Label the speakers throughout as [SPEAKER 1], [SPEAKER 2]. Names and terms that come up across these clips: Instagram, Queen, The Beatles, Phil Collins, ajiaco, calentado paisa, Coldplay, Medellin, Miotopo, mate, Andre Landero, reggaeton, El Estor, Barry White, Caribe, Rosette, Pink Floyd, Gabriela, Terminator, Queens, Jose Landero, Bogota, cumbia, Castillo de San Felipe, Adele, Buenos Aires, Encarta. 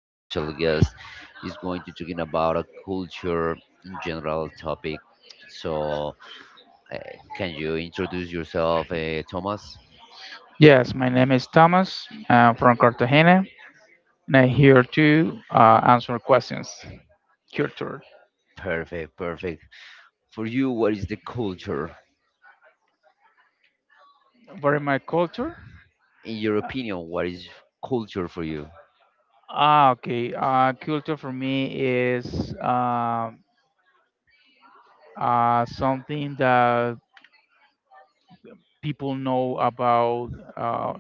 [SPEAKER 1] special guest. He's going to talking about a culture in general topic. So, uh, can you introduce yourself, Thomas?
[SPEAKER 2] Yes, my name is Thomas. I'm from Cartagena, and I'm here to answer questions. Culture.
[SPEAKER 1] Perfect, perfect. For you, what is the culture?
[SPEAKER 2] What is my culture?
[SPEAKER 1] In your
[SPEAKER 2] Uh,
[SPEAKER 1] opinion, what is culture for you?
[SPEAKER 2] okay. Culture for me is something that people know about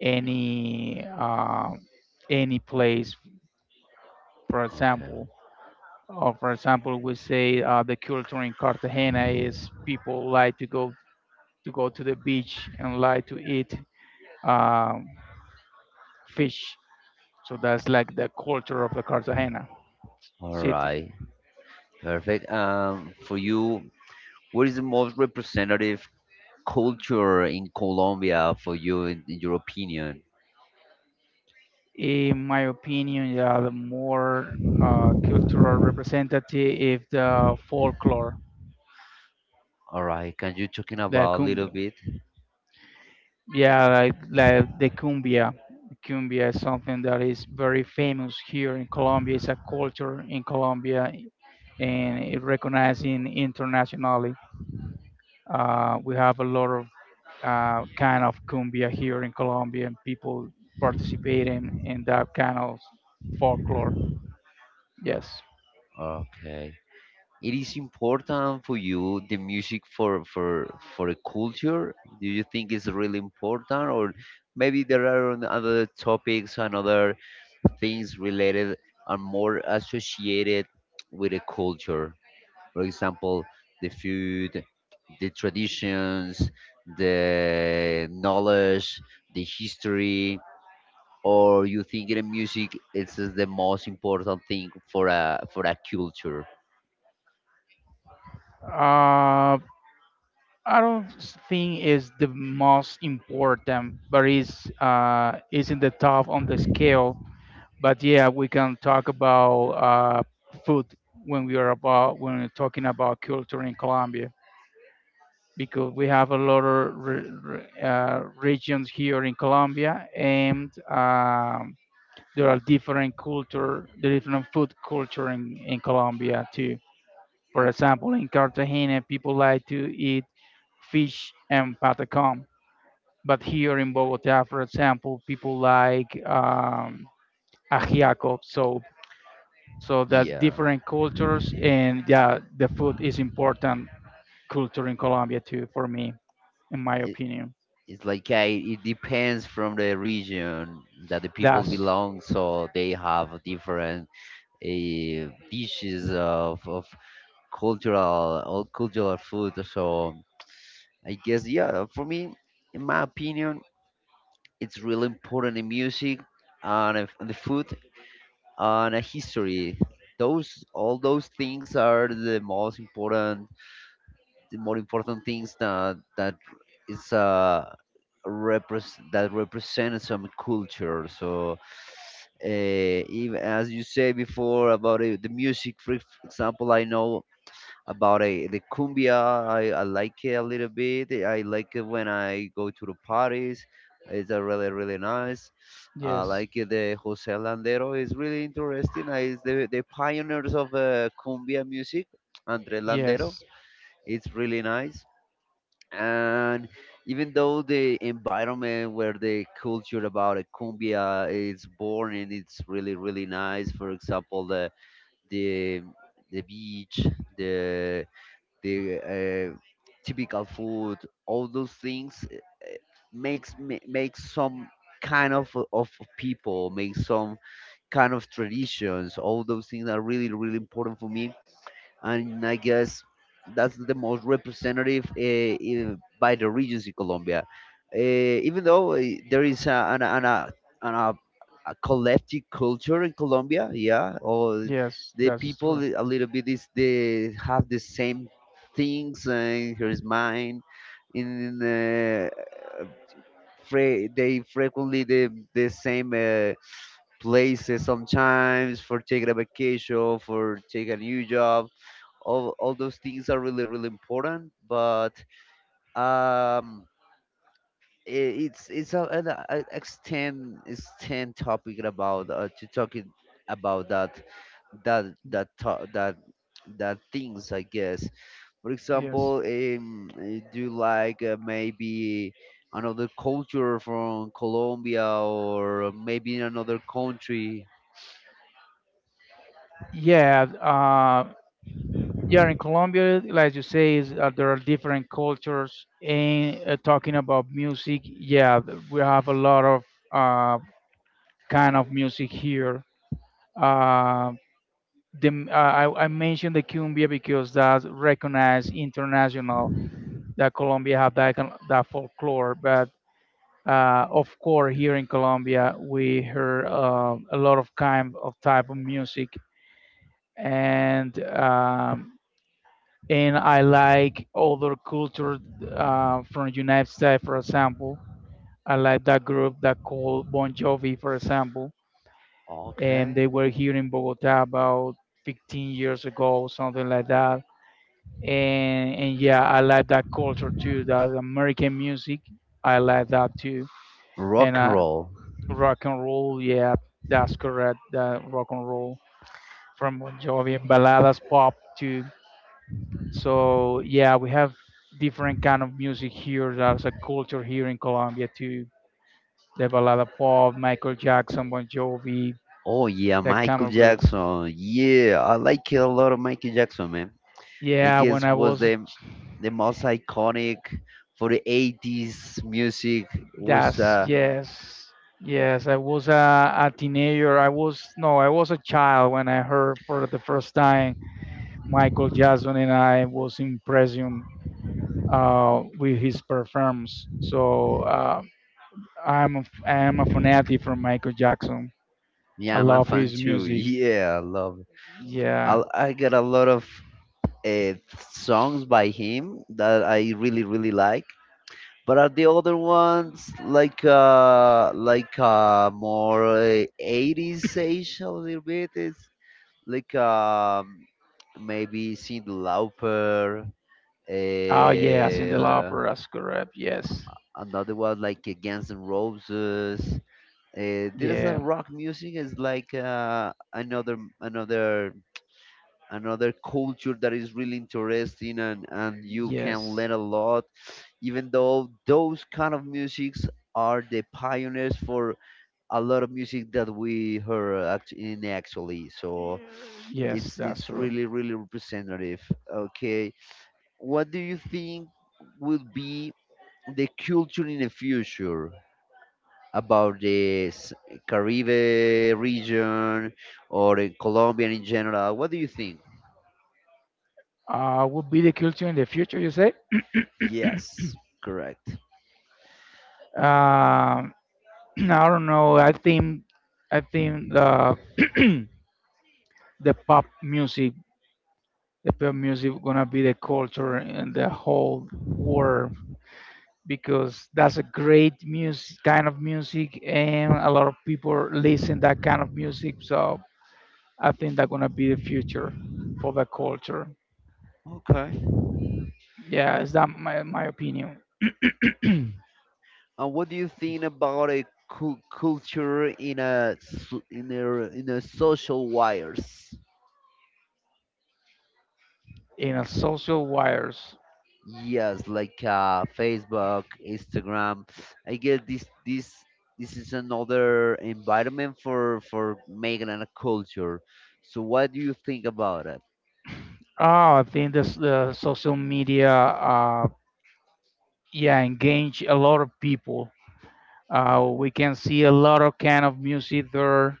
[SPEAKER 2] any uh, any place. For
[SPEAKER 1] Okay.
[SPEAKER 2] example, or for example, we say the culture in Cartagena is people like to go to go to the beach and like to eat um, fish. So that's like the culture of the Cartagena
[SPEAKER 1] All
[SPEAKER 2] city.
[SPEAKER 1] right. Perfect. For you, what is the most representative culture in Colombia for you, in your opinion?
[SPEAKER 2] In my opinion, they are the more cultural representative of the folklore,
[SPEAKER 1] All right. Can you talking
[SPEAKER 2] the
[SPEAKER 1] about a little
[SPEAKER 2] cumbia.
[SPEAKER 1] bit?
[SPEAKER 2] Yeah, like the cumbia. Cumbia is something that is very famous here in Colombia. It's a culture in Colombia and it recognized in internationally. We have a lot of kind of cumbia here in Colombia and people participating in that kind of folklore. Yes.
[SPEAKER 1] Okay. It is important for you the music for a culture. Do you think it's really important, or maybe there are on other topics and other things related are more associated with a culture? For example, the food, the traditions, the knowledge, the history. Or you think in music it's just the most important thing for a culture.
[SPEAKER 2] Uh, I don't think is the most important, but is in the top on the scale. But yeah, we can talk about food when we're talking about culture in Colombia because we have a lot of regions here in Colombia, and there are different culture, there different food culture in Colombia too. For example, in Cartagena, people like to eat fish and patacón. But here in Bogota, for example, people like ajiaco. So that's
[SPEAKER 1] Yeah,
[SPEAKER 2] different cultures, and yeah, the food is important culture in Colombia too, for me, in my
[SPEAKER 1] it,
[SPEAKER 2] opinion.
[SPEAKER 1] it's like it depends from the region that the people
[SPEAKER 2] That's
[SPEAKER 1] belong, so they have different uh, dishes of cultural all cultural food. So I guess, yeah, for me, in my opinion, it's really important in music, and and the food, and a history. Those all those things are the most important, the more important things that is repres that represent some culture. So even as you say before about it, the music, for example, I know about a The cumbia. I like it a little bit. I like it when I go to the parties. It's a really really nice. I
[SPEAKER 2] yes,
[SPEAKER 1] like it. The Jose Landero is really interesting. Is the pioneers of cumbia music, Andre Landero.
[SPEAKER 2] yes,
[SPEAKER 1] It's really nice. And even though the environment where the culture about a cumbia is born, and it's really really nice. For example, the the beach, the the typical food, all those things, makes some kind of people, makes some kind of traditions. All those things are really really important for me, and I guess that's the most representative, by the regions in Colombia. Uh, even though there is a, an, a collective culture in Colombia, yeah, or
[SPEAKER 2] yes,
[SPEAKER 1] the
[SPEAKER 2] that's
[SPEAKER 1] people
[SPEAKER 2] true.
[SPEAKER 1] a little bit is they have the same things, in his mind. In uh, they frequently the same. Places sometimes for taking a vacation, for taking a new job. All those things are really, really important. But um, it's an extend topic about to talking about that that that to- that that things, I guess. For
[SPEAKER 2] Yes.
[SPEAKER 1] example, do you like maybe another culture from Colombia or maybe in another country?
[SPEAKER 2] Yeah, uh, Yeah, in Colombia, like you say, is there are different cultures. And talking about music, yeah, we have a lot of uh, kind of music here. Uh, I mentioned the cumbia because that's recognized international. That Colombia have that kind that folklore, but of course here in Colombia we hear a lot of kind of type of music and um, and I like other culture from United States, for example. I like that group that called Bon Jovi, for example, and they
[SPEAKER 1] Okay.
[SPEAKER 2] were here in Bogota about 15 years ago, something like that. And yeah, I like that culture too. That American music, I like that too. And
[SPEAKER 1] Rock and roll.
[SPEAKER 2] rock and roll, yeah, that's correct. That rock and roll from Bon Jovi and balladas, pop too. So yeah, we have different kind of music here. There's a culture here in Colombia too. The balada pop, Michael Jackson, Bon Jovi,
[SPEAKER 1] Oh yeah,
[SPEAKER 2] that kind
[SPEAKER 1] Michael
[SPEAKER 2] of group.
[SPEAKER 1] Jackson. Yeah, I like it a lot of Michael Jackson, man. I
[SPEAKER 2] Yeah, when
[SPEAKER 1] guess
[SPEAKER 2] I
[SPEAKER 1] was
[SPEAKER 2] was
[SPEAKER 1] the most iconic for the 80s music was
[SPEAKER 2] that's
[SPEAKER 1] uh
[SPEAKER 2] yes, yes, I was a teenager. I was no, I was a child when I heard for the first time Michael Jackson, and I was impressed with his performance. So I'm I am a fanatic from Michael Jackson. I
[SPEAKER 1] Yeah, I'm a
[SPEAKER 2] love
[SPEAKER 1] fan
[SPEAKER 2] his
[SPEAKER 1] too.
[SPEAKER 2] music.
[SPEAKER 1] Yeah, I love it.
[SPEAKER 2] Yeah.
[SPEAKER 1] I got a lot of uh, songs by him that I really really like. But are the other ones like more 80s ish a little bit? It's like maybe Cyndi Lauper,
[SPEAKER 2] Oh, yes, in the
[SPEAKER 1] uh,
[SPEAKER 2] opera, that's correct. Yes.
[SPEAKER 1] another one like Guns N' Roses. There's a
[SPEAKER 2] Yeah.
[SPEAKER 1] rock music is like another another culture that is really interesting, and you can
[SPEAKER 2] Yes.
[SPEAKER 1] learn a lot. Even though those kind of musics are the pioneers for a lot of music that we heard in actually. So
[SPEAKER 2] Yes,
[SPEAKER 1] it's
[SPEAKER 2] that's
[SPEAKER 1] it's
[SPEAKER 2] true.
[SPEAKER 1] really really representative. Okay. What do you think will be the culture in the future about the Caribe region, or in Colombia in general, what do you think?
[SPEAKER 2] Would be the culture in the future, you say?
[SPEAKER 1] Yes, correct.
[SPEAKER 2] Um, I don't know. I think the the pop music, the pop music, gonna be the culture in the whole world because that's a great music kind of music, and a lot of people listen that kind of music. So I think that's gonna be the future for the culture.
[SPEAKER 1] Okay.
[SPEAKER 2] Yeah, is that my opinion?
[SPEAKER 1] And what do you think about a culture in a s- in a social wires?
[SPEAKER 2] In a social wires.
[SPEAKER 1] Yes, like Facebook, Instagram. I guess this is another environment for making a culture. So what do you think about it?
[SPEAKER 2] Oh, I think this the social media. Yeah, engage a lot of people. We can see a lot of kind of music there.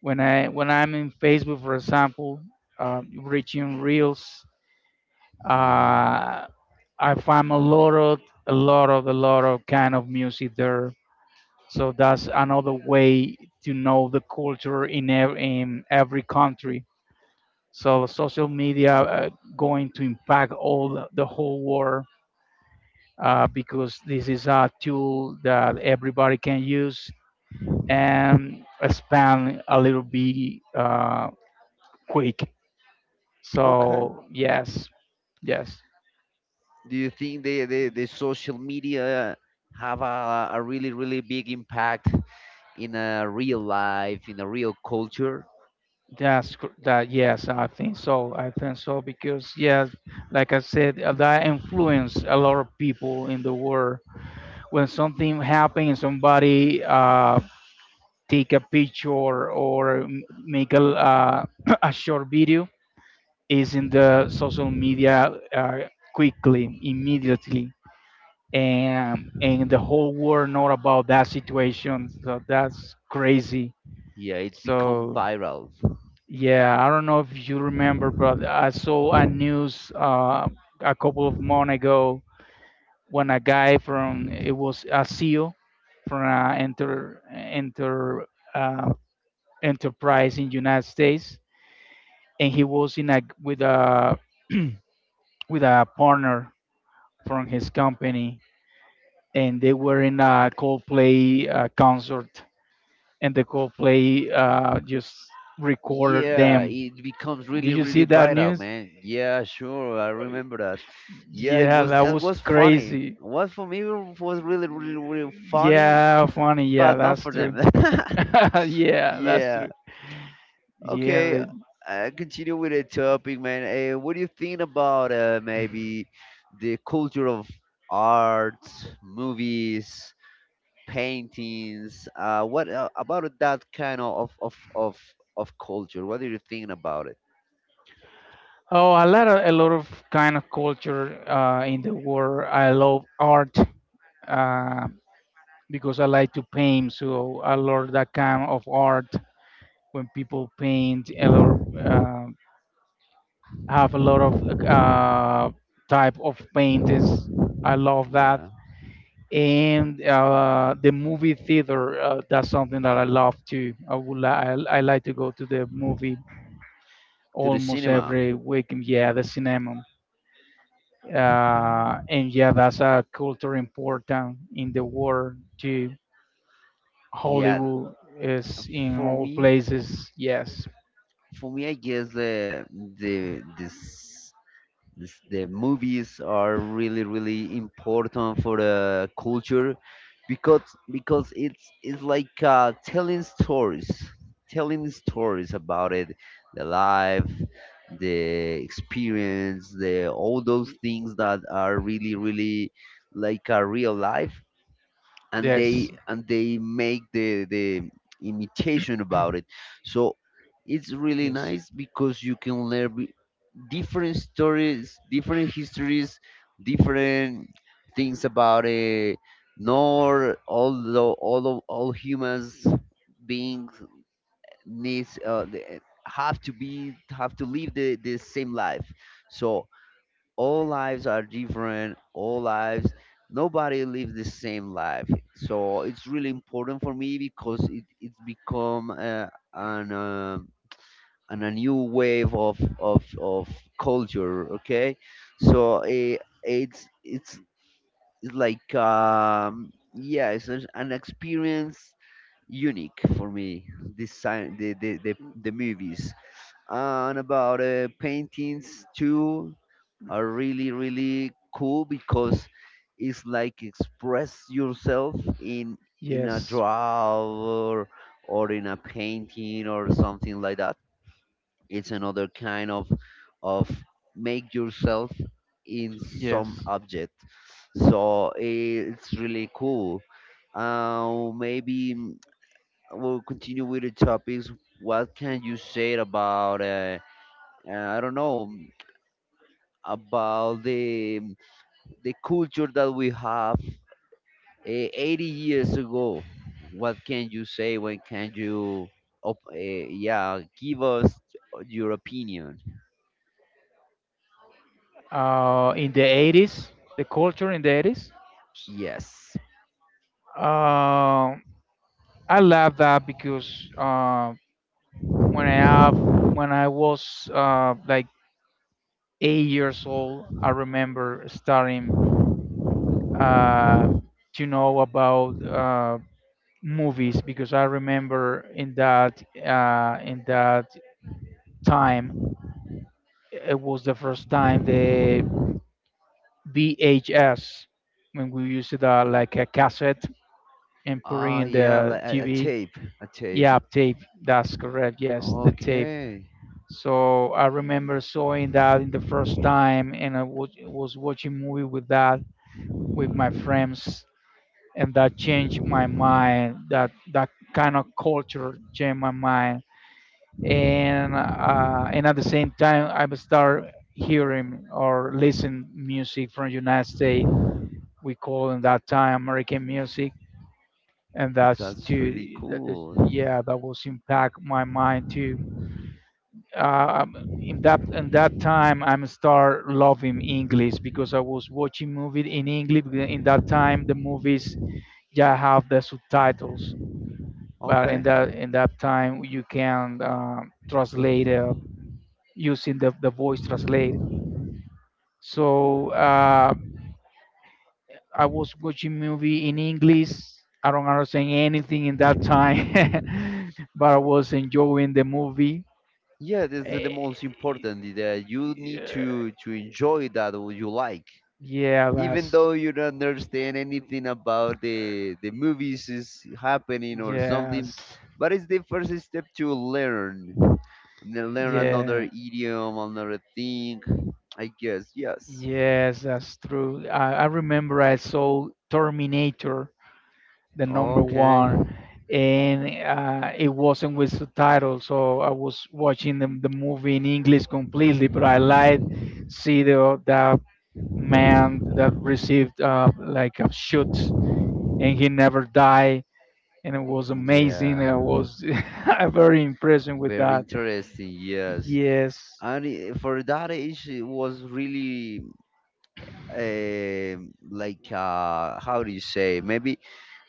[SPEAKER 2] When I'm in Facebook, for example, reaching reels,
[SPEAKER 1] Yeah.
[SPEAKER 2] uh, I find a lot of a lot of kind of music there. So that's another way to know the culture in in every country. So social media going to impact all the whole world because this is a tool that everybody can use and expand a little bit quick.
[SPEAKER 1] Okay.
[SPEAKER 2] So yes, yes,
[SPEAKER 1] Do you think the social media have a really really big impact in a real life in a real culture?
[SPEAKER 2] that's cor- that. Yes, I think so. I think so because yes, like I said, that influence a lot of people in the world. When something happens, somebody. Take a picture or make a a short video is in the social media quickly, immediately. And the whole world know about that situation. So that's crazy.
[SPEAKER 1] Yeah, it's become
[SPEAKER 2] So
[SPEAKER 1] viral.
[SPEAKER 2] yeah, I don't know if you remember, but I saw a news a couple of months ago when a guy from it was a CEO from an uh, enterprise in United States and he was in a with a with a partner from his company, and they were in a Coldplay concert, and the Coldplay just recorded
[SPEAKER 1] Yeah,
[SPEAKER 2] them.
[SPEAKER 1] it becomes
[SPEAKER 2] Did
[SPEAKER 1] really,
[SPEAKER 2] you see
[SPEAKER 1] really
[SPEAKER 2] that
[SPEAKER 1] vital,
[SPEAKER 2] news?
[SPEAKER 1] man. Yeah, sure, I remember that. Yeah, it
[SPEAKER 2] Yeah,
[SPEAKER 1] was
[SPEAKER 2] that
[SPEAKER 1] it
[SPEAKER 2] was
[SPEAKER 1] was funny.
[SPEAKER 2] crazy.
[SPEAKER 1] What for me was really, really, really funny,
[SPEAKER 2] Yeah, funny. Yeah,
[SPEAKER 1] but not
[SPEAKER 2] that's
[SPEAKER 1] for
[SPEAKER 2] true.
[SPEAKER 1] them.
[SPEAKER 2] yeah, that's
[SPEAKER 1] Yeah.
[SPEAKER 2] true. Yeah.
[SPEAKER 1] Okay. I continue with the topic, man. What do you think about maybe the culture of arts, movies, paintings? What about that kind of culture? What do you think about it?
[SPEAKER 2] Oh, a lot of kind of culture in the world. I love art. Uh, because I like to paint. So I love that kind of art when people paint a lot of have a lot of type of paintings. I love that.
[SPEAKER 1] Yeah.
[SPEAKER 2] And the movie theater, that's something that I love too. I would li- I like to go to the movie
[SPEAKER 1] To the
[SPEAKER 2] almost
[SPEAKER 1] cinema.
[SPEAKER 2] every weekend. Yeah, the cinema.
[SPEAKER 1] Okay.
[SPEAKER 2] And yeah, that's a culture important in the world too.
[SPEAKER 1] Yeah,
[SPEAKER 2] Hollywood is in
[SPEAKER 1] for
[SPEAKER 2] all
[SPEAKER 1] me,
[SPEAKER 2] places. Yes,
[SPEAKER 1] for me, I guess the this, this the movies are really really important for the culture, because because it's like telling stories about it, the life, the experience, the all those things that are really really like a real life, and
[SPEAKER 2] yes,
[SPEAKER 1] they and they make the imitation about it. So it's really
[SPEAKER 2] yes,
[SPEAKER 1] nice because you can learn different stories, different histories, different things about it. Nor although all of all humans beings needs, have to live the same life. So all lives are different. All lives nobody lives the same life. So it's really important for me, because it's become an and a new wave of culture. Okay. So it's it's it's like yeah, it's an experience unique for me, this sign the movies. And about paintings too are really really cool, because it's like express yourself in a
[SPEAKER 2] yes,
[SPEAKER 1] draw, or in a painting or something like that. It's another kind of make yourself in some
[SPEAKER 2] yes.
[SPEAKER 1] object. So it's really cool, maybe we'll continue with the topics. What can you say about I don't know, about the culture that we have 80 years ago. What can you say? When can you, yeah, give us your opinion?
[SPEAKER 2] In the 80s, the culture in the 80s.
[SPEAKER 1] Yes.
[SPEAKER 2] Uh, I love that because when I have when I was like 8 years old, I remember starting uh, to know about movies because I remember in that time it was the first time the VHS when we used it like a cassette and put
[SPEAKER 1] Ah,
[SPEAKER 2] in
[SPEAKER 1] yeah,
[SPEAKER 2] the
[SPEAKER 1] like a
[SPEAKER 2] TV.
[SPEAKER 1] tape, a tape.
[SPEAKER 2] Yeah, tape. That's correct. Yes, the tape.
[SPEAKER 1] Okay,
[SPEAKER 2] So I remember seeing that in the first time, and was watching movie with that with my friends, and that changed my mind. That kind of culture changed my mind and at the same time I would start hearing or listen music from United States. We call in that time American music, and
[SPEAKER 1] that's really
[SPEAKER 2] that is,
[SPEAKER 1] cool.
[SPEAKER 2] yeah that was impact my mind too. In that time, I'm start loving English because I was watching movies in English. Because in that time, the movies yeah have the subtitles, but
[SPEAKER 1] Okay.
[SPEAKER 2] in that time you can translate using the voice translate. So I was watching movie in English. I don't understand anything in that time, but I was enjoying the movie.
[SPEAKER 1] Yeah, this is the
[SPEAKER 2] Eh,
[SPEAKER 1] most important that you need
[SPEAKER 2] Yeah,
[SPEAKER 1] to enjoy that what you like.
[SPEAKER 2] yeah,
[SPEAKER 1] Even
[SPEAKER 2] that's
[SPEAKER 1] though you don't understand anything about the movies is happening or something,
[SPEAKER 2] yes,
[SPEAKER 1] but it's the first step to learn. And learn another
[SPEAKER 2] yeah,
[SPEAKER 1] idiom, another thing, I guess. Yes.
[SPEAKER 2] yes, that's true. I remember I saw Terminator the number
[SPEAKER 1] Okay.
[SPEAKER 2] one, and it wasn't with subtitles, so I was watching the movie in English completely. But I liked see the that man that received like a shoot, and he never died, and it was amazing.
[SPEAKER 1] Yeah,
[SPEAKER 2] I was very impressed with
[SPEAKER 1] very
[SPEAKER 2] that.
[SPEAKER 1] interesting. Yes.
[SPEAKER 2] Yes,
[SPEAKER 1] And for that age it was really like how do you say, maybe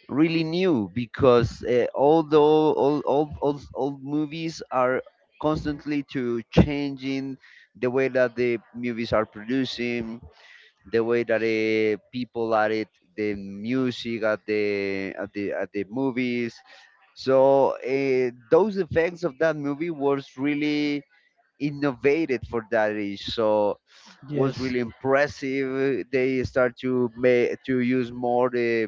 [SPEAKER 1] really new, because although all movies are constantly to changing, the way that the movies are producing, the way that people at it, the music at the movies. So those effects of that movie was really innovated for that age, so was
[SPEAKER 2] yes,
[SPEAKER 1] really impressive. They start to use more the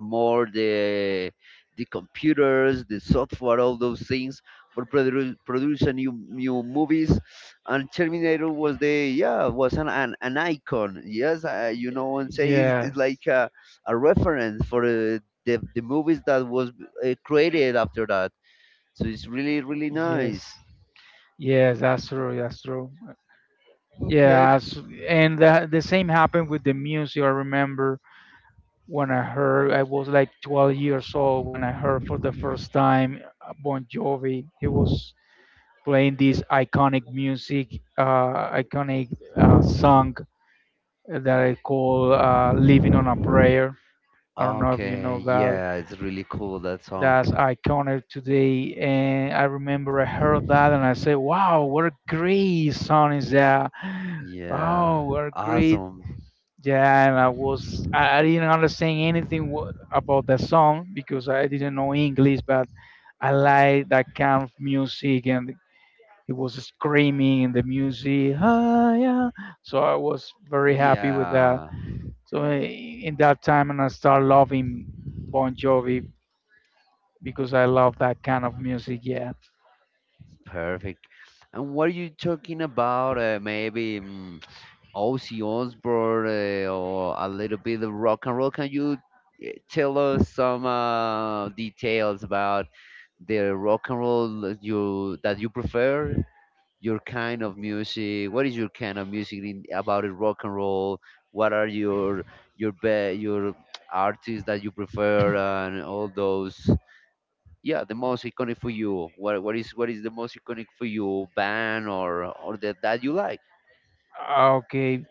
[SPEAKER 1] more the the computers, the software, all those things for produce a new movies. And Terminator was the yeah was an icon. Yes, and say it's
[SPEAKER 2] yes,
[SPEAKER 1] like a reference for the movies that was created after that. So it's really really nice.
[SPEAKER 2] yes. Yes, that's true. That's true.
[SPEAKER 1] Okay.
[SPEAKER 2] Yeah, that's- and the same happened with the music. I remember when I heard, I was like 12 years old when I heard for the first time Bon Jovi. He was playing this iconic music, iconic song that I call "Living on a Prayer." I don't know if you
[SPEAKER 1] Okay,
[SPEAKER 2] know that.
[SPEAKER 1] yeah, it's really cool that song.
[SPEAKER 2] That's iconic today, and I remember I heard that and I said, "Wow, what a great song is that!
[SPEAKER 1] Yeah,
[SPEAKER 2] Oh, what a great"
[SPEAKER 1] awesome.
[SPEAKER 2] Yeah, and I was I didn't understand anything about the song because I didn't know English, but I like that kind of music and he was screaming in the music. Ah, yeah. So I was very happy with that.
[SPEAKER 1] Yeah.
[SPEAKER 2] So i- in that time, and I started loving Bon Jovi because I love that kind of music. Yeah.
[SPEAKER 1] Perfect. And what are you talking about? Maybe Ozzy Osbourne or a little bit of rock and roll. Can you tell us some details about the rock and roll that you prefer? Your kind of music. What is your kind of music about the rock and roll? What are your artists that you prefer and all those, yeah, the most iconic for you, what is the most iconic for you, band or that you like.
[SPEAKER 2] Ah, okay.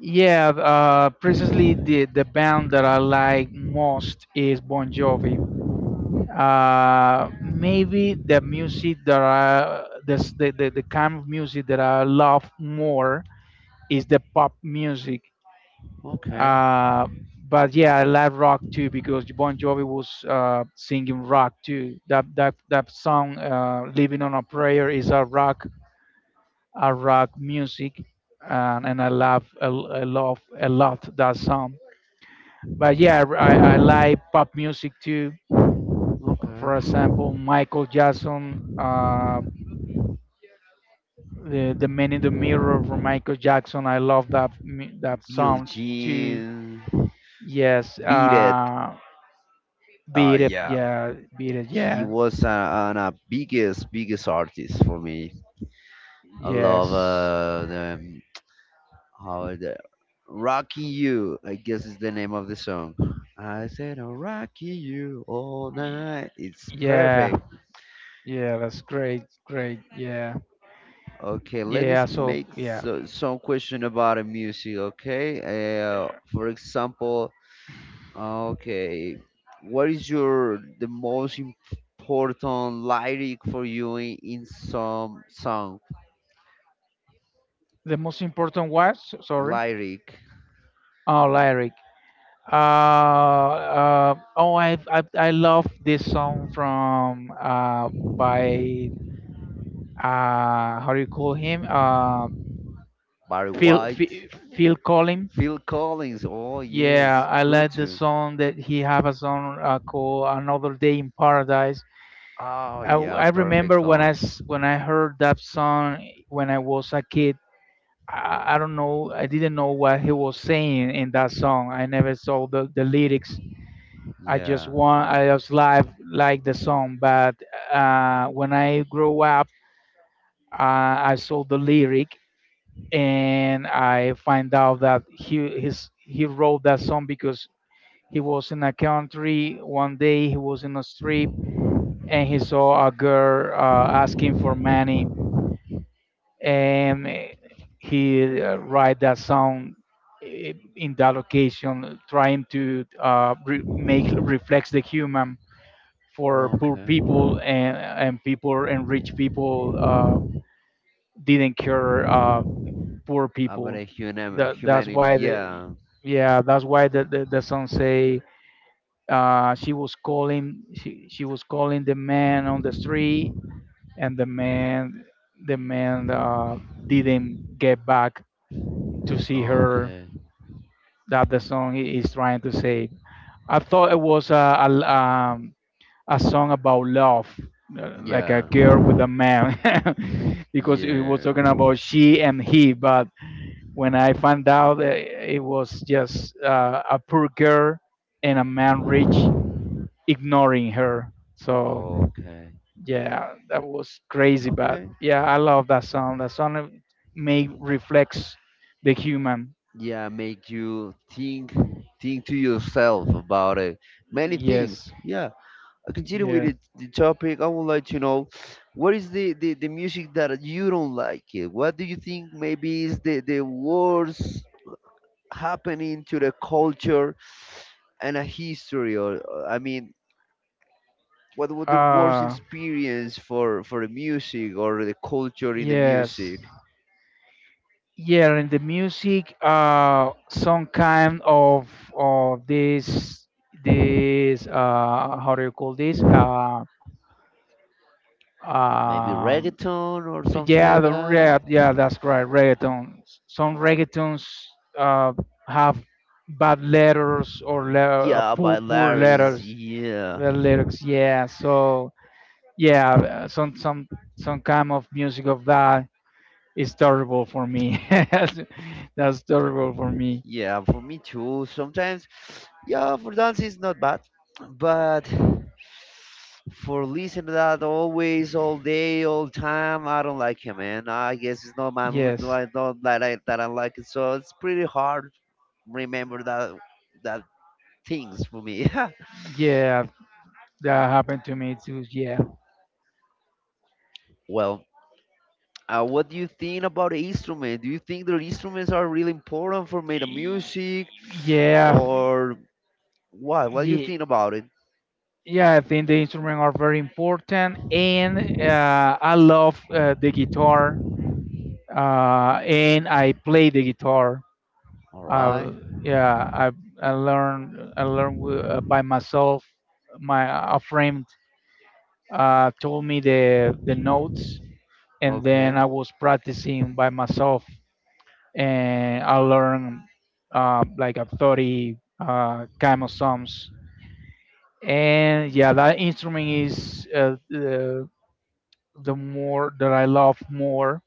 [SPEAKER 2] Yeah. Precisely the band that I like most is Bon Jovi, maybe the music that the the kind of music that I love more is the pop music.
[SPEAKER 1] Okay.
[SPEAKER 2] Uh, but yeah, I like rock too because Bon Jovi was singing rock too. That that song "Living on a Prayer" is a rock music, and I love a lot that song. But yeah, I like pop music too. For
[SPEAKER 1] Okay.
[SPEAKER 2] example, Michael Jackson. The Man in the Mirror from Michael Jackson. I love that
[SPEAKER 1] Bill
[SPEAKER 2] song too.
[SPEAKER 1] Jean.
[SPEAKER 2] Yes,
[SPEAKER 1] Beat It.
[SPEAKER 2] beat it,
[SPEAKER 1] Yeah, he
[SPEAKER 2] yeah,
[SPEAKER 1] was a biggest biggest artist for me. I love
[SPEAKER 2] yes,
[SPEAKER 1] the how the Rocky You, I guess, is the name of the song. I said, "I'll Rocky You all night." It's
[SPEAKER 2] yeah,
[SPEAKER 1] perfect.
[SPEAKER 2] yeah. That's great, yeah,
[SPEAKER 1] Okay, let me
[SPEAKER 2] yeah.
[SPEAKER 1] s-
[SPEAKER 2] So
[SPEAKER 1] make
[SPEAKER 2] yeah,
[SPEAKER 1] so, some question about the music. Okay, for example, okay, what is your the most important lyric for you in some song?
[SPEAKER 2] the most important was so, sorry,
[SPEAKER 1] Lyric.
[SPEAKER 2] oh lyric. Uh, I love this song from by how do you call him? uh
[SPEAKER 1] Barry
[SPEAKER 2] Phil
[SPEAKER 1] White.
[SPEAKER 2] Phil, Phil Collins.
[SPEAKER 1] Phil Collins. Oh
[SPEAKER 2] Yeah,
[SPEAKER 1] yes,
[SPEAKER 2] I
[SPEAKER 1] good
[SPEAKER 2] like the
[SPEAKER 1] too.
[SPEAKER 2] song that he have a song called "Another Day in Paradise."
[SPEAKER 1] Oh
[SPEAKER 2] I, w-
[SPEAKER 1] yeah,
[SPEAKER 2] I
[SPEAKER 1] perfect
[SPEAKER 2] remember when
[SPEAKER 1] song.
[SPEAKER 2] when I heard that song when I was a kid. I don't know, I didn't know what he was saying in that song. I never saw the lyrics.
[SPEAKER 1] Yeah.
[SPEAKER 2] I just live like the song, but when I grow up, uh, I saw the lyric, and I find out that he wrote that song because he was in a country one day. He was in a street and he saw a girl asking for money, and he write that song in that location, trying to make reflects the human for poor
[SPEAKER 1] Okay.
[SPEAKER 2] people, and people, and rich people didn't care poor
[SPEAKER 1] About
[SPEAKER 2] people.
[SPEAKER 1] a human
[SPEAKER 2] That that's
[SPEAKER 1] humanity.
[SPEAKER 2] why the
[SPEAKER 1] Yeah.
[SPEAKER 2] Yeah, that's why the song say, she was calling. She was calling the man on the street, and the man didn't get back to see her.
[SPEAKER 1] Okay.
[SPEAKER 2] That the song is trying to say. I thought it was a a song about love, like a
[SPEAKER 1] Yeah.
[SPEAKER 2] girl with a man, because it was
[SPEAKER 1] Yeah.
[SPEAKER 2] talking about she and he. But when I found out, it was just a poor girl and a man rich ignoring her. So
[SPEAKER 1] Okay.
[SPEAKER 2] yeah, that was crazy, but
[SPEAKER 1] Okay.
[SPEAKER 2] yeah, I love that song. That song may reflects the human.
[SPEAKER 1] Yeah, make you think to yourself about it. Many things.
[SPEAKER 2] Yes.
[SPEAKER 1] Yeah. I continue with
[SPEAKER 2] Yeah.
[SPEAKER 1] it, the topic. I would like to know what is the music that you don't like it. What do you think maybe is the worst happening to the culture and a history, I mean, what was the worst
[SPEAKER 2] uh
[SPEAKER 1] experience for the music or the culture in the
[SPEAKER 2] yes
[SPEAKER 1] music?
[SPEAKER 2] yeah and the music, some kind of this this how do you call this?
[SPEAKER 1] Maybe
[SPEAKER 2] Um
[SPEAKER 1] reggaeton or something
[SPEAKER 2] Yeah,
[SPEAKER 1] like that?
[SPEAKER 2] that's right. Reggaeton. Some reggaetons uh, have bad letters, or
[SPEAKER 1] Yeah, by
[SPEAKER 2] poor,
[SPEAKER 1] larynx.
[SPEAKER 2] letters,
[SPEAKER 1] Yeah,
[SPEAKER 2] the lyrics. Yeah, so yeah, some kind of music of that is terrible for me. that's that's terrible for me.
[SPEAKER 1] yeah. For me too. Sometimes, yeah, for dance it's not bad, but for listening to that always, all day, all time, I don't like it, man. I guess it's not my mood. No,
[SPEAKER 2] Yes,
[SPEAKER 1] I don't like that. I like it, so it's pretty hard remember that things for me.
[SPEAKER 2] yeah, that happened to me too. Yeah,
[SPEAKER 1] Well. What do you think about the instrument? Do you think the instruments are really important for made of music,
[SPEAKER 2] yeah,
[SPEAKER 1] or what? What do you
[SPEAKER 2] yeah.
[SPEAKER 1] think about it?
[SPEAKER 2] Yeah, I think the instruments are very important, and I love the guitar, and I play the guitar.
[SPEAKER 1] All right.
[SPEAKER 2] Uh, yeah, I I learned, by myself. My A friend told me the notes, and then
[SPEAKER 1] Okay.
[SPEAKER 2] I was practicing by myself, and I learned, like a 30 kind of songs. And yeah, that instrument is, the more that I love more.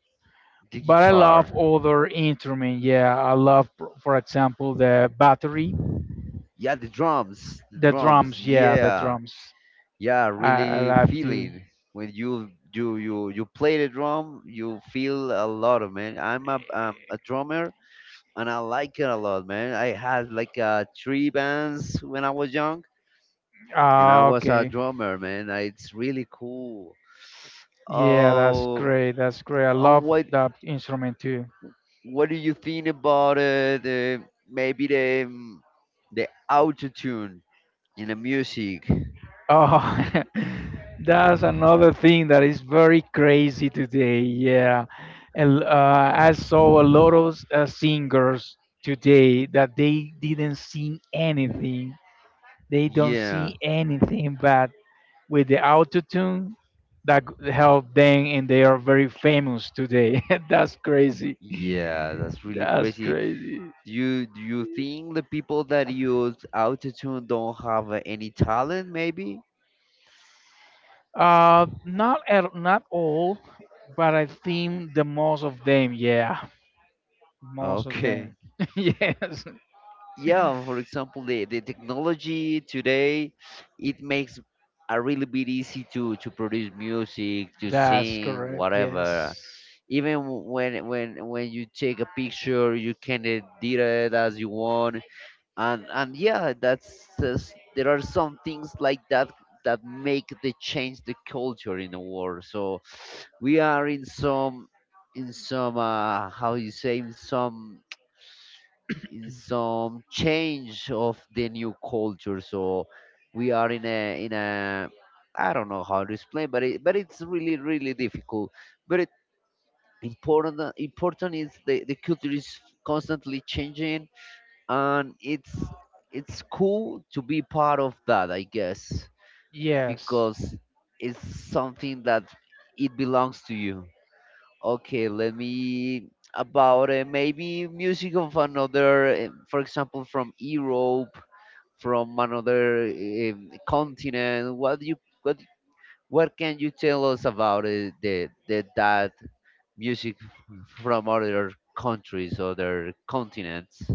[SPEAKER 1] The
[SPEAKER 2] But I love
[SPEAKER 1] guitar.
[SPEAKER 2] other instrument. Yeah, I love, for example, the battery,
[SPEAKER 1] Yeah, the drums. The
[SPEAKER 2] the
[SPEAKER 1] drums.
[SPEAKER 2] drums. Yeah, the
[SPEAKER 1] Yeah.
[SPEAKER 2] drums.
[SPEAKER 1] Yeah,
[SPEAKER 2] I
[SPEAKER 1] really
[SPEAKER 2] love to.
[SPEAKER 1] feeling when you play the drum, you feel a lot of man. I'm a drummer and I like it a lot, man. I had like three bands when I was young and I
[SPEAKER 2] Ah,
[SPEAKER 1] was a
[SPEAKER 2] okay.
[SPEAKER 1] drummer, man. It's really cool.
[SPEAKER 2] Yeah, that's
[SPEAKER 1] Oh,
[SPEAKER 2] great. That's great. I
[SPEAKER 1] and
[SPEAKER 2] love
[SPEAKER 1] what
[SPEAKER 2] that instrument too.
[SPEAKER 1] what do you think about it? Maybe the auto in the music.
[SPEAKER 2] Oh, that's another thing that is very crazy today. Yeah, and I saw a lot of singers today that they didn't sing anything, they don't
[SPEAKER 1] Yeah,
[SPEAKER 2] see anything, but with the autotune that help them, and they are very famous today. That's crazy.
[SPEAKER 1] yeah, that's really
[SPEAKER 2] That's
[SPEAKER 1] crazy.
[SPEAKER 2] crazy.
[SPEAKER 1] Do you think the people that use autotune don't have any talent, maybe?
[SPEAKER 2] Not at, not all, but I think the most of them, yeah, most of
[SPEAKER 1] Okay.
[SPEAKER 2] them. Yes,
[SPEAKER 1] Yeah, for example the technology today, it makes a really bit easy to produce music, to
[SPEAKER 2] that's
[SPEAKER 1] sing
[SPEAKER 2] correct.
[SPEAKER 1] whatever.
[SPEAKER 2] Yes.
[SPEAKER 1] Even when you take a picture, you can edit it as you want. And yeah, that's just, there are some things like that that make the change the culture in the world. So we are in some how you say, in some change of the new culture. So we are in a I don't know how to explain, but it but it's really really difficult. But it important, important is the culture is constantly changing, and it's cool to be part of that, I guess.
[SPEAKER 2] Yes.
[SPEAKER 1] Because it's something that it belongs to you. Okay, let me, about maybe music of another for example from Europe, from another continent. What do you, what what can you tell us about the that music from other countries, other continents?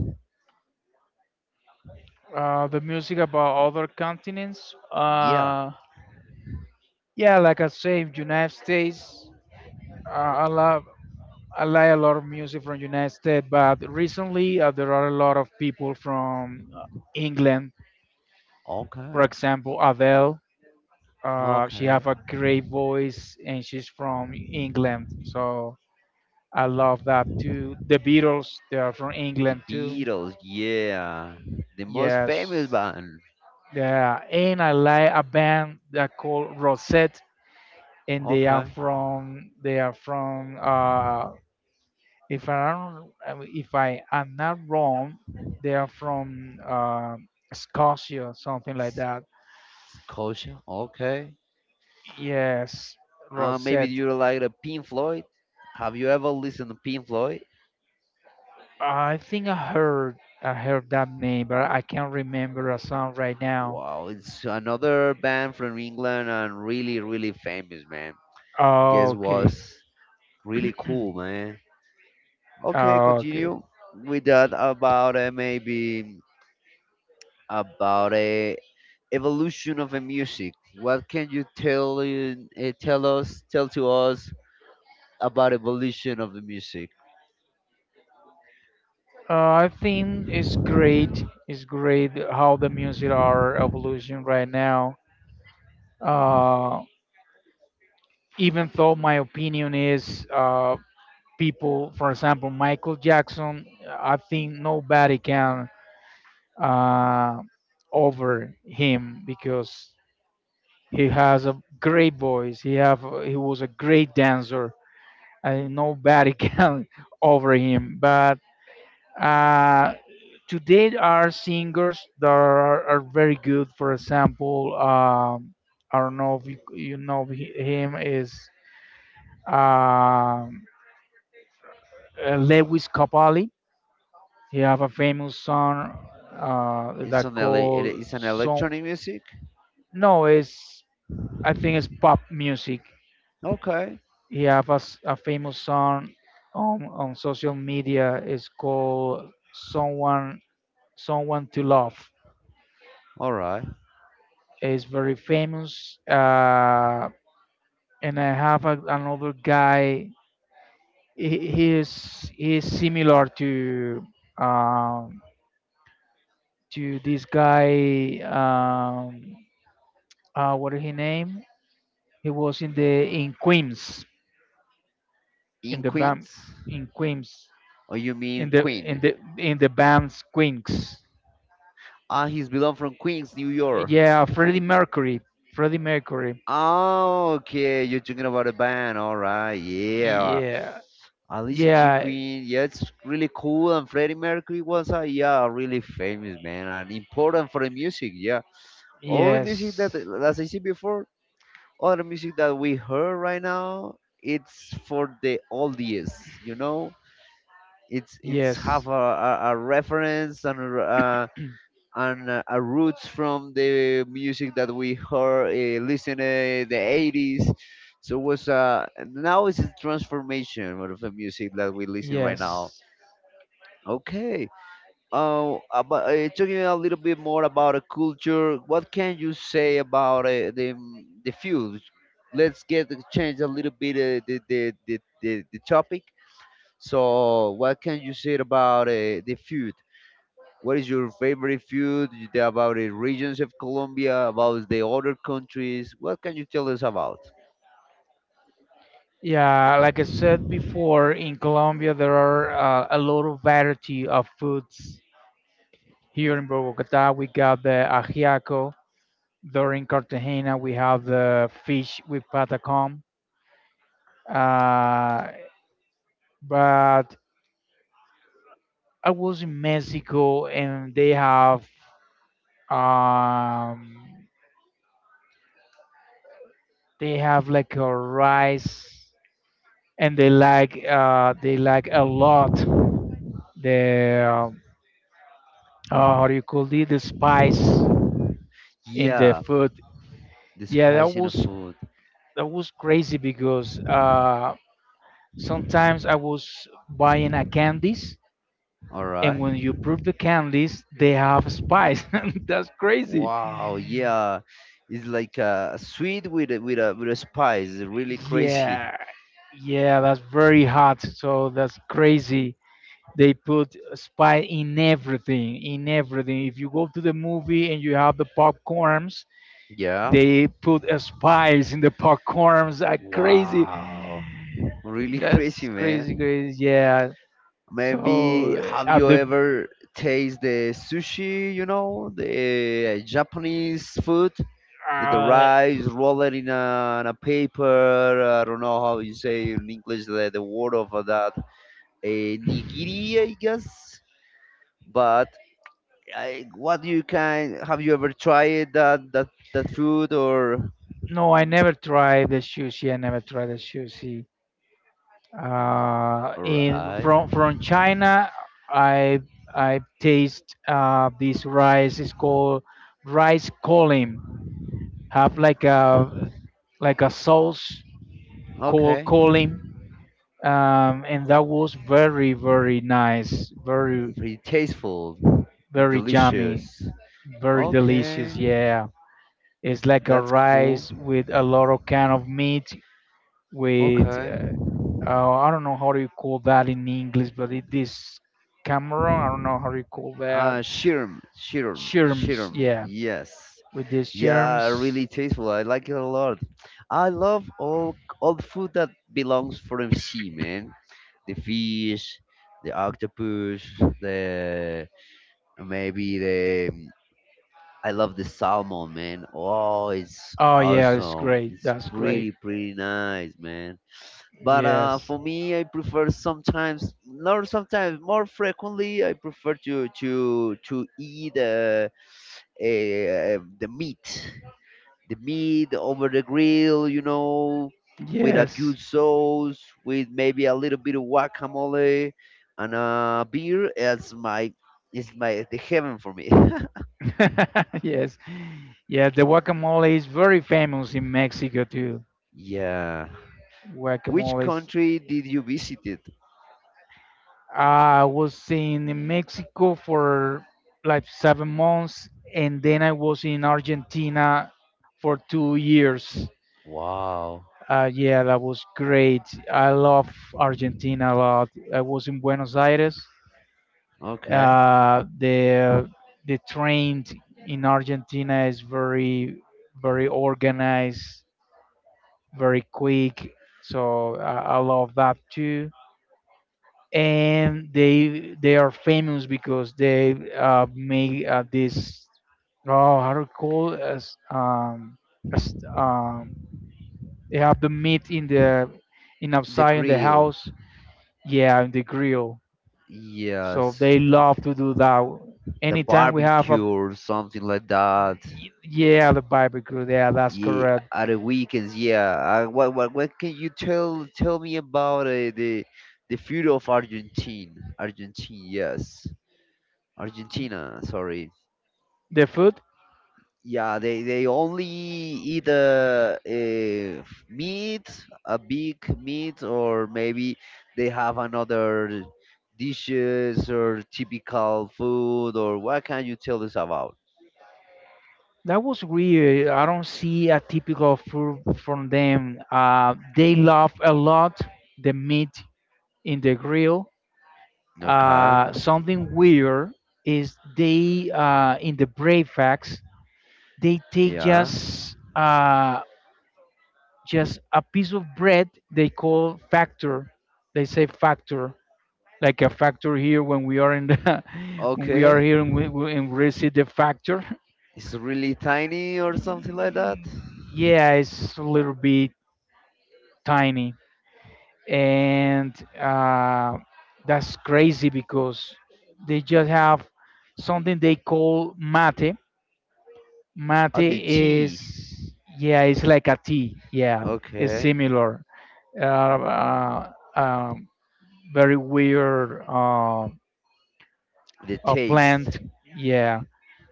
[SPEAKER 2] The music about other continents.
[SPEAKER 1] Yeah.
[SPEAKER 2] Yeah, like I say, United States. uh, i love I like a lot of music from United States, but recently, there are a lot of people from, England. For
[SPEAKER 1] Okay.
[SPEAKER 2] example, Adele. She
[SPEAKER 1] Okay.
[SPEAKER 2] have a great voice, and she's from England. So I love that too. The Beatles, they are from
[SPEAKER 1] The
[SPEAKER 2] England too.
[SPEAKER 1] Beatles, yeah. The most
[SPEAKER 2] Yes,
[SPEAKER 1] famous band.
[SPEAKER 2] yeah. And I like a band that called Rosette, and they are
[SPEAKER 1] Okay.
[SPEAKER 2] from, if I don't, if I am not wrong, they are from, Scotia, something like
[SPEAKER 1] S-
[SPEAKER 2] that.
[SPEAKER 1] Scotia, okay.
[SPEAKER 2] Yes,
[SPEAKER 1] Maybe
[SPEAKER 2] Rosette.
[SPEAKER 1] you like the Pink Floyd. Have you ever listened to Pink Floyd?
[SPEAKER 2] I heard that name, but I can't remember a song right now.
[SPEAKER 1] Wow, it's another band from England and really, really famous, man. Guess
[SPEAKER 2] Okay,
[SPEAKER 1] was really cool, man. Okay,
[SPEAKER 2] okay.
[SPEAKER 1] continue with that, about maybe about evolution of a music. What can you tell in- eh, tell us tell to us about evolution of the music?
[SPEAKER 2] I think it's great. It's great how the music are evolution right now. Uh, Even though my opinion is, people, for example, Michael Jackson, I think nobody can, uh, over him because he has a great voice. He was a great dancer, and nobody can over him. But uh, today there are singers that are very good. For example, I don't know if you know him, is um, Lewis Capaldi. He have a famous song,
[SPEAKER 1] It's
[SPEAKER 2] that
[SPEAKER 1] an
[SPEAKER 2] called
[SPEAKER 1] it's an
[SPEAKER 2] song.
[SPEAKER 1] electronic music.
[SPEAKER 2] No, it's I think it's pop music.
[SPEAKER 1] Okay,
[SPEAKER 2] He have a famous song on social media. It's called someone to love.
[SPEAKER 1] all right.
[SPEAKER 2] It's very famous. And I have a, another guy. He is similar to, um, to this guy. What is his name? He was in the in Queens, in
[SPEAKER 1] In
[SPEAKER 2] the band
[SPEAKER 1] Queens,
[SPEAKER 2] in Queens,
[SPEAKER 1] or you
[SPEAKER 2] in
[SPEAKER 1] mean
[SPEAKER 2] the in
[SPEAKER 1] Queen?
[SPEAKER 2] the in the band's Queens.
[SPEAKER 1] Ah, he's belong from Queens, New York.
[SPEAKER 2] Yeah, Freddie Mercury. Freddie Mercury.
[SPEAKER 1] Oh, okay. You're talking about a band. All right. Yeah.
[SPEAKER 2] Yeah.
[SPEAKER 1] I listen to
[SPEAKER 2] Yeah.
[SPEAKER 1] Queen. Yeah, it's really cool. And Freddie Mercury was a, yeah, really famous man and important for the music. Yeah. All the music that,
[SPEAKER 2] Yes.
[SPEAKER 1] as I said before, all the music that we heard right now, it's for the oldies, you know. It's have
[SPEAKER 2] Yes.
[SPEAKER 1] a reference and a roots from the music that we heard listen the 80s. So was uh, now it's a transformation of the music that we listen right now.
[SPEAKER 2] Yes.
[SPEAKER 1] Okay. Oh, about, talking a little bit more about a culture. What can you say about the food? Let's get change a little bit the topic. So, what can you say about the food? What is your favorite food? You tell about the regions of Colombia, about the other countries. What can you tell us about?
[SPEAKER 2] Yeah, like I said before, in Colombia there are, a lot of variety of foods. Here in Bogota, we got the ajiaco. There in Cartagena, we have the fish with patacón. Uh, but I was in Mexico and um they have like a rice, and they like a lot the, how do you call it, the spice in the
[SPEAKER 1] Yeah,
[SPEAKER 2] food.
[SPEAKER 1] the
[SPEAKER 2] Yeah, that
[SPEAKER 1] spiciness of
[SPEAKER 2] was
[SPEAKER 1] food.
[SPEAKER 2] crazy because, sometimes I was buying a candies,
[SPEAKER 1] All
[SPEAKER 2] and
[SPEAKER 1] right.
[SPEAKER 2] when you prove the candies, they have spice. That's crazy.
[SPEAKER 1] Wow. Yeah. It's like a sweet with a spice. It's really crazy.
[SPEAKER 2] Yeah, yeah, that's very hot. So that's crazy. They put spice in everything, in everything. If you go to the movie and you have the popcorns,
[SPEAKER 1] Yeah.
[SPEAKER 2] they put a spice in the popcorns. Are crazy.
[SPEAKER 1] Wow. Really
[SPEAKER 2] That's
[SPEAKER 1] crazy,
[SPEAKER 2] crazy,
[SPEAKER 1] man.
[SPEAKER 2] crazy. Yeah. So
[SPEAKER 1] Maybe, have
[SPEAKER 2] at
[SPEAKER 1] you
[SPEAKER 2] the
[SPEAKER 1] ever taste the sushi? You know the Japanese food. The
[SPEAKER 2] uh,
[SPEAKER 1] rice roll it in a paper. I don't know how you say in English the word of that. A nigiri, I guess. But I, what you can, have you ever tried that food or
[SPEAKER 2] no, I never tried the sushi. I never tried the sushi.
[SPEAKER 1] all
[SPEAKER 2] In
[SPEAKER 1] right?
[SPEAKER 2] From China, I I taste, this rice. It's called rice kolim. Have like a, like a sauce called
[SPEAKER 1] Okay,
[SPEAKER 2] kolim, and that was very very nice, very
[SPEAKER 1] pretty tasteful, it's
[SPEAKER 2] very yummy,
[SPEAKER 1] delicious.
[SPEAKER 2] very
[SPEAKER 1] Okay,
[SPEAKER 2] delicious. Yeah, it's like a
[SPEAKER 1] that's cool.
[SPEAKER 2] rice with a lot of kind of meat with,
[SPEAKER 1] Okay,
[SPEAKER 2] I don't know how do you call that in English, but it this camera, I don't know how do you call that. Shirms,
[SPEAKER 1] shirm.
[SPEAKER 2] yeah,
[SPEAKER 1] Yes,
[SPEAKER 2] with these
[SPEAKER 1] yeah, really
[SPEAKER 2] shirms.
[SPEAKER 1] tasteful. I like it a lot. I love all the food that belongs from sea, man. The fish, the octopus, the, maybe the, I love the salmon, man. Oh, it's
[SPEAKER 2] Oh yeah, that's
[SPEAKER 1] awesome.
[SPEAKER 2] great.
[SPEAKER 1] It's
[SPEAKER 2] That's great.
[SPEAKER 1] pretty, pretty nice, man. But
[SPEAKER 2] Yes,
[SPEAKER 1] for me, I prefer sometimes, not sometimes, more frequently, I prefer to eat eh, the meat, the meat over the grill, you know, with a
[SPEAKER 2] yes,
[SPEAKER 1] good sauce, with maybe a little bit of guacamole and a beer. It's my the heaven for me.
[SPEAKER 2] yes, yeah. The guacamole is very famous in Mexico too.
[SPEAKER 1] Yeah. Which
[SPEAKER 2] Guacamole. Is-
[SPEAKER 1] country did you visit?
[SPEAKER 2] I was in Mexico for like 7 months, and then I was in Argentina for 2 years.
[SPEAKER 1] Wow.
[SPEAKER 2] Yeah, that was great. I love Argentina a lot. I was in Buenos Aires.
[SPEAKER 1] Okay.
[SPEAKER 2] Uh, the the train in Argentina is very very organized, very quick. So I love that too. And they are famous because they, make, this, oh, how do you call it? As They have the meat in the, in
[SPEAKER 1] The
[SPEAKER 2] outside, in the
[SPEAKER 1] grill.
[SPEAKER 2] house. Yeah, in the grill. So
[SPEAKER 1] Yes.
[SPEAKER 2] they love to do that.
[SPEAKER 1] The
[SPEAKER 2] Anytime we have a,
[SPEAKER 1] barbecue or something like that.
[SPEAKER 2] yeah, the barbecue. Yeah, that's
[SPEAKER 1] Yeah,
[SPEAKER 2] correct.
[SPEAKER 1] at the weekends. Yeah. What can you tell me about the food of Argentine? Argentine. Yes. Argentina. Sorry.
[SPEAKER 2] The food,
[SPEAKER 1] Yeah, they only eat meat, a big meat, or maybe they have another dishes or typical food, or what can you tell us about?
[SPEAKER 2] that was weird. I don't see a typical food from them. They love a lot the meat in the grill.
[SPEAKER 1] Okay.
[SPEAKER 2] Something weird is they in the breakfast they take
[SPEAKER 1] Yeah.
[SPEAKER 2] just, just a piece of bread they call factor. They say factor, like a factor here when we are in the, when we are
[SPEAKER 1] Okay.
[SPEAKER 2] here and we see the factor.
[SPEAKER 1] It's really tiny or something like that.
[SPEAKER 2] Yeah, it's a little bit tiny, and that's crazy because they just have something they call mate. Mate
[SPEAKER 1] Oh, the
[SPEAKER 2] is,
[SPEAKER 1] tea.
[SPEAKER 2] yeah, it's like a tea. Yeah, it's
[SPEAKER 1] Okay.
[SPEAKER 2] similar, uh, uh, um, very weird,
[SPEAKER 1] The
[SPEAKER 2] a
[SPEAKER 1] taste.
[SPEAKER 2] plant, yeah,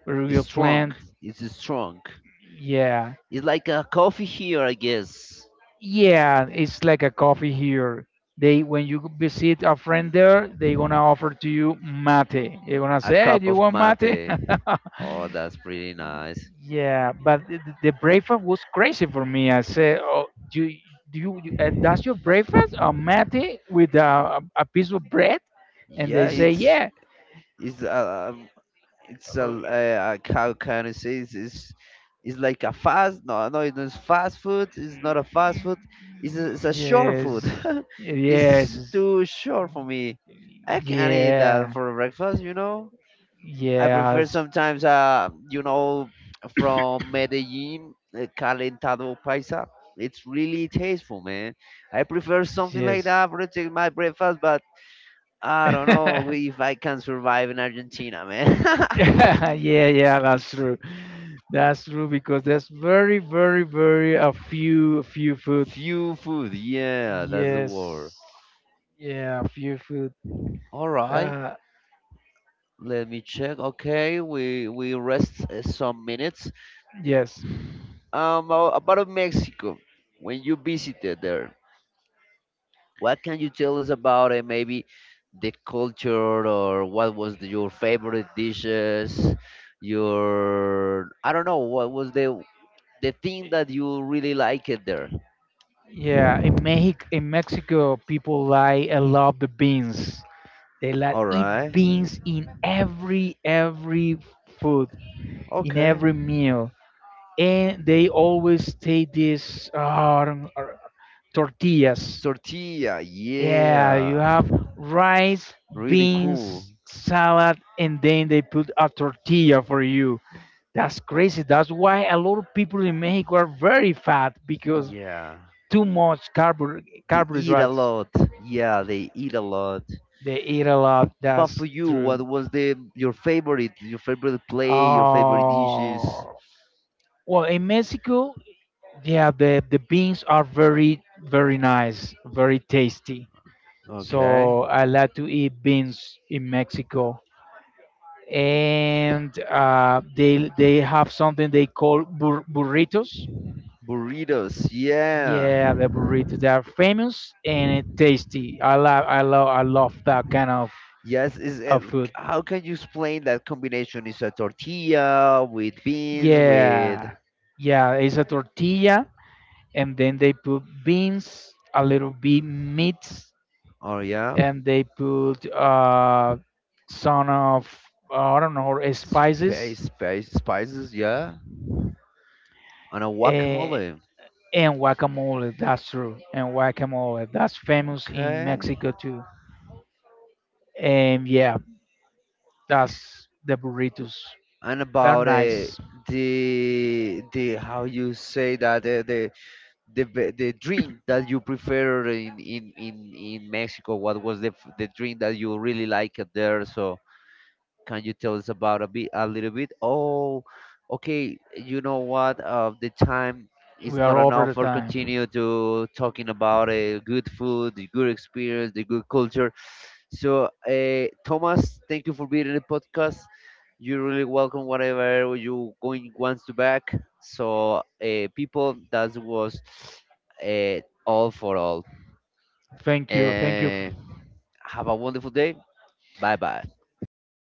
[SPEAKER 2] very
[SPEAKER 1] It's
[SPEAKER 2] weird
[SPEAKER 1] strong.
[SPEAKER 2] plant,
[SPEAKER 1] It's strong.
[SPEAKER 2] yeah.
[SPEAKER 1] It's like a coffee here, I guess.
[SPEAKER 2] Yeah, it's like a coffee here. They, when you visit a friend there, they gonna offer to you mate. They gonna
[SPEAKER 1] A
[SPEAKER 2] say, "Hey, do
[SPEAKER 1] cup
[SPEAKER 2] you
[SPEAKER 1] of
[SPEAKER 2] want mate?"
[SPEAKER 1] mate. Oh, that's pretty nice.
[SPEAKER 2] Yeah, but the breakfast was crazy for me. I said, "Oh, do you, do you that's your breakfast? A mate with a piece of bread?" And they
[SPEAKER 1] Yeah,
[SPEAKER 2] say, "Yeah."
[SPEAKER 1] it's uh, um it's a
[SPEAKER 2] Oh,
[SPEAKER 1] how can I say, it's like a fast, no no, it's fast food. It's not a fast food. It's a short
[SPEAKER 2] yes,
[SPEAKER 1] food.
[SPEAKER 2] yes,
[SPEAKER 1] It's too short for me. I can eat that
[SPEAKER 2] yeah,
[SPEAKER 1] for breakfast, you know. I prefer
[SPEAKER 2] yes,
[SPEAKER 1] sometimes, you know, from Medellin, calentado paisa. It's really tasteful, man. I prefer something like
[SPEAKER 2] yes.
[SPEAKER 1] that for to take my breakfast, but I don't know if I can survive in Argentina, man.
[SPEAKER 2] Yeah, yeah, that's true. That's true because there's very, very, very a few, few food.
[SPEAKER 1] Few food, yeah, that's the
[SPEAKER 2] Yes,
[SPEAKER 1] word.
[SPEAKER 2] yeah, a few food.
[SPEAKER 1] All right,
[SPEAKER 2] Uh,
[SPEAKER 1] let me check. Okay, we rest some minutes.
[SPEAKER 2] yes,
[SPEAKER 1] About Mexico, when you visited there. What can you tell us about it? Maybe the culture, or what was the, your favorite dishes? Your, I don't know what was the thing that you really liked it there.
[SPEAKER 2] yeah. In Mexico, people like a lot the beans. They like
[SPEAKER 1] All
[SPEAKER 2] eat
[SPEAKER 1] right.
[SPEAKER 2] beans in every food, in
[SPEAKER 1] Okay.
[SPEAKER 2] every meal, and they always take this, tortillas.
[SPEAKER 1] Tortilla.
[SPEAKER 2] Yeah, you
[SPEAKER 1] Yeah.
[SPEAKER 2] have rice,
[SPEAKER 1] Really cool.
[SPEAKER 2] beans, salad, and then they put a tortilla for you. That's crazy. That's why a lot of people in Mexico are very fat because
[SPEAKER 1] Yeah.
[SPEAKER 2] too much
[SPEAKER 1] They eat a
[SPEAKER 2] carbohydrates.
[SPEAKER 1] lot. Yeah, they eat a lot.
[SPEAKER 2] They eat a lot.
[SPEAKER 1] But for
[SPEAKER 2] That's
[SPEAKER 1] you, what
[SPEAKER 2] true.
[SPEAKER 1] was the your favorite play, your favorite dishes?
[SPEAKER 2] Oh, well, in Mexico, yeah, the beans are very, very nice, very tasty.
[SPEAKER 1] Okay.
[SPEAKER 2] So I like to eat beans in Mexico. And they have something they call burritos.
[SPEAKER 1] Burritos, yeah.
[SPEAKER 2] Yeah, the burritos, they are famous and tasty. I love that kind
[SPEAKER 1] Yes, is it,
[SPEAKER 2] of food.
[SPEAKER 1] how can you explain that combination? Is a tortilla with beans with,
[SPEAKER 2] Yeah, yeah, it's a tortilla, and then they put beans, a little bit meat,
[SPEAKER 1] oh yeah,
[SPEAKER 2] and they put, some of, I don't know,
[SPEAKER 1] space,
[SPEAKER 2] spices.
[SPEAKER 1] space spices, yeah, and a
[SPEAKER 2] eh,
[SPEAKER 1] guacamole.
[SPEAKER 2] And guacamole, that's true. And guacamole, that's famous in
[SPEAKER 1] Okay.
[SPEAKER 2] Mexico too. And yeah, that's the burritos.
[SPEAKER 1] And
[SPEAKER 2] They're
[SPEAKER 1] about
[SPEAKER 2] nice.
[SPEAKER 1] the how you say that the drink that you prefer in Mexico. What was the drink that you really liked there? So, can you tell us about a bit, a little bit? Oh, okay. You know what? The time is
[SPEAKER 2] We
[SPEAKER 1] not
[SPEAKER 2] are over
[SPEAKER 1] enough
[SPEAKER 2] the
[SPEAKER 1] for
[SPEAKER 2] time.
[SPEAKER 1] continue to talking about good food, the good experience, the good culture. So, Thomas, thank you for being in the podcast. You're really welcome. Whatever you going wants to back. So, people, that was all for all.
[SPEAKER 2] Thank you. Thank you.
[SPEAKER 1] Uh, have a wonderful day. Bye bye.
[SPEAKER 2] Thank you for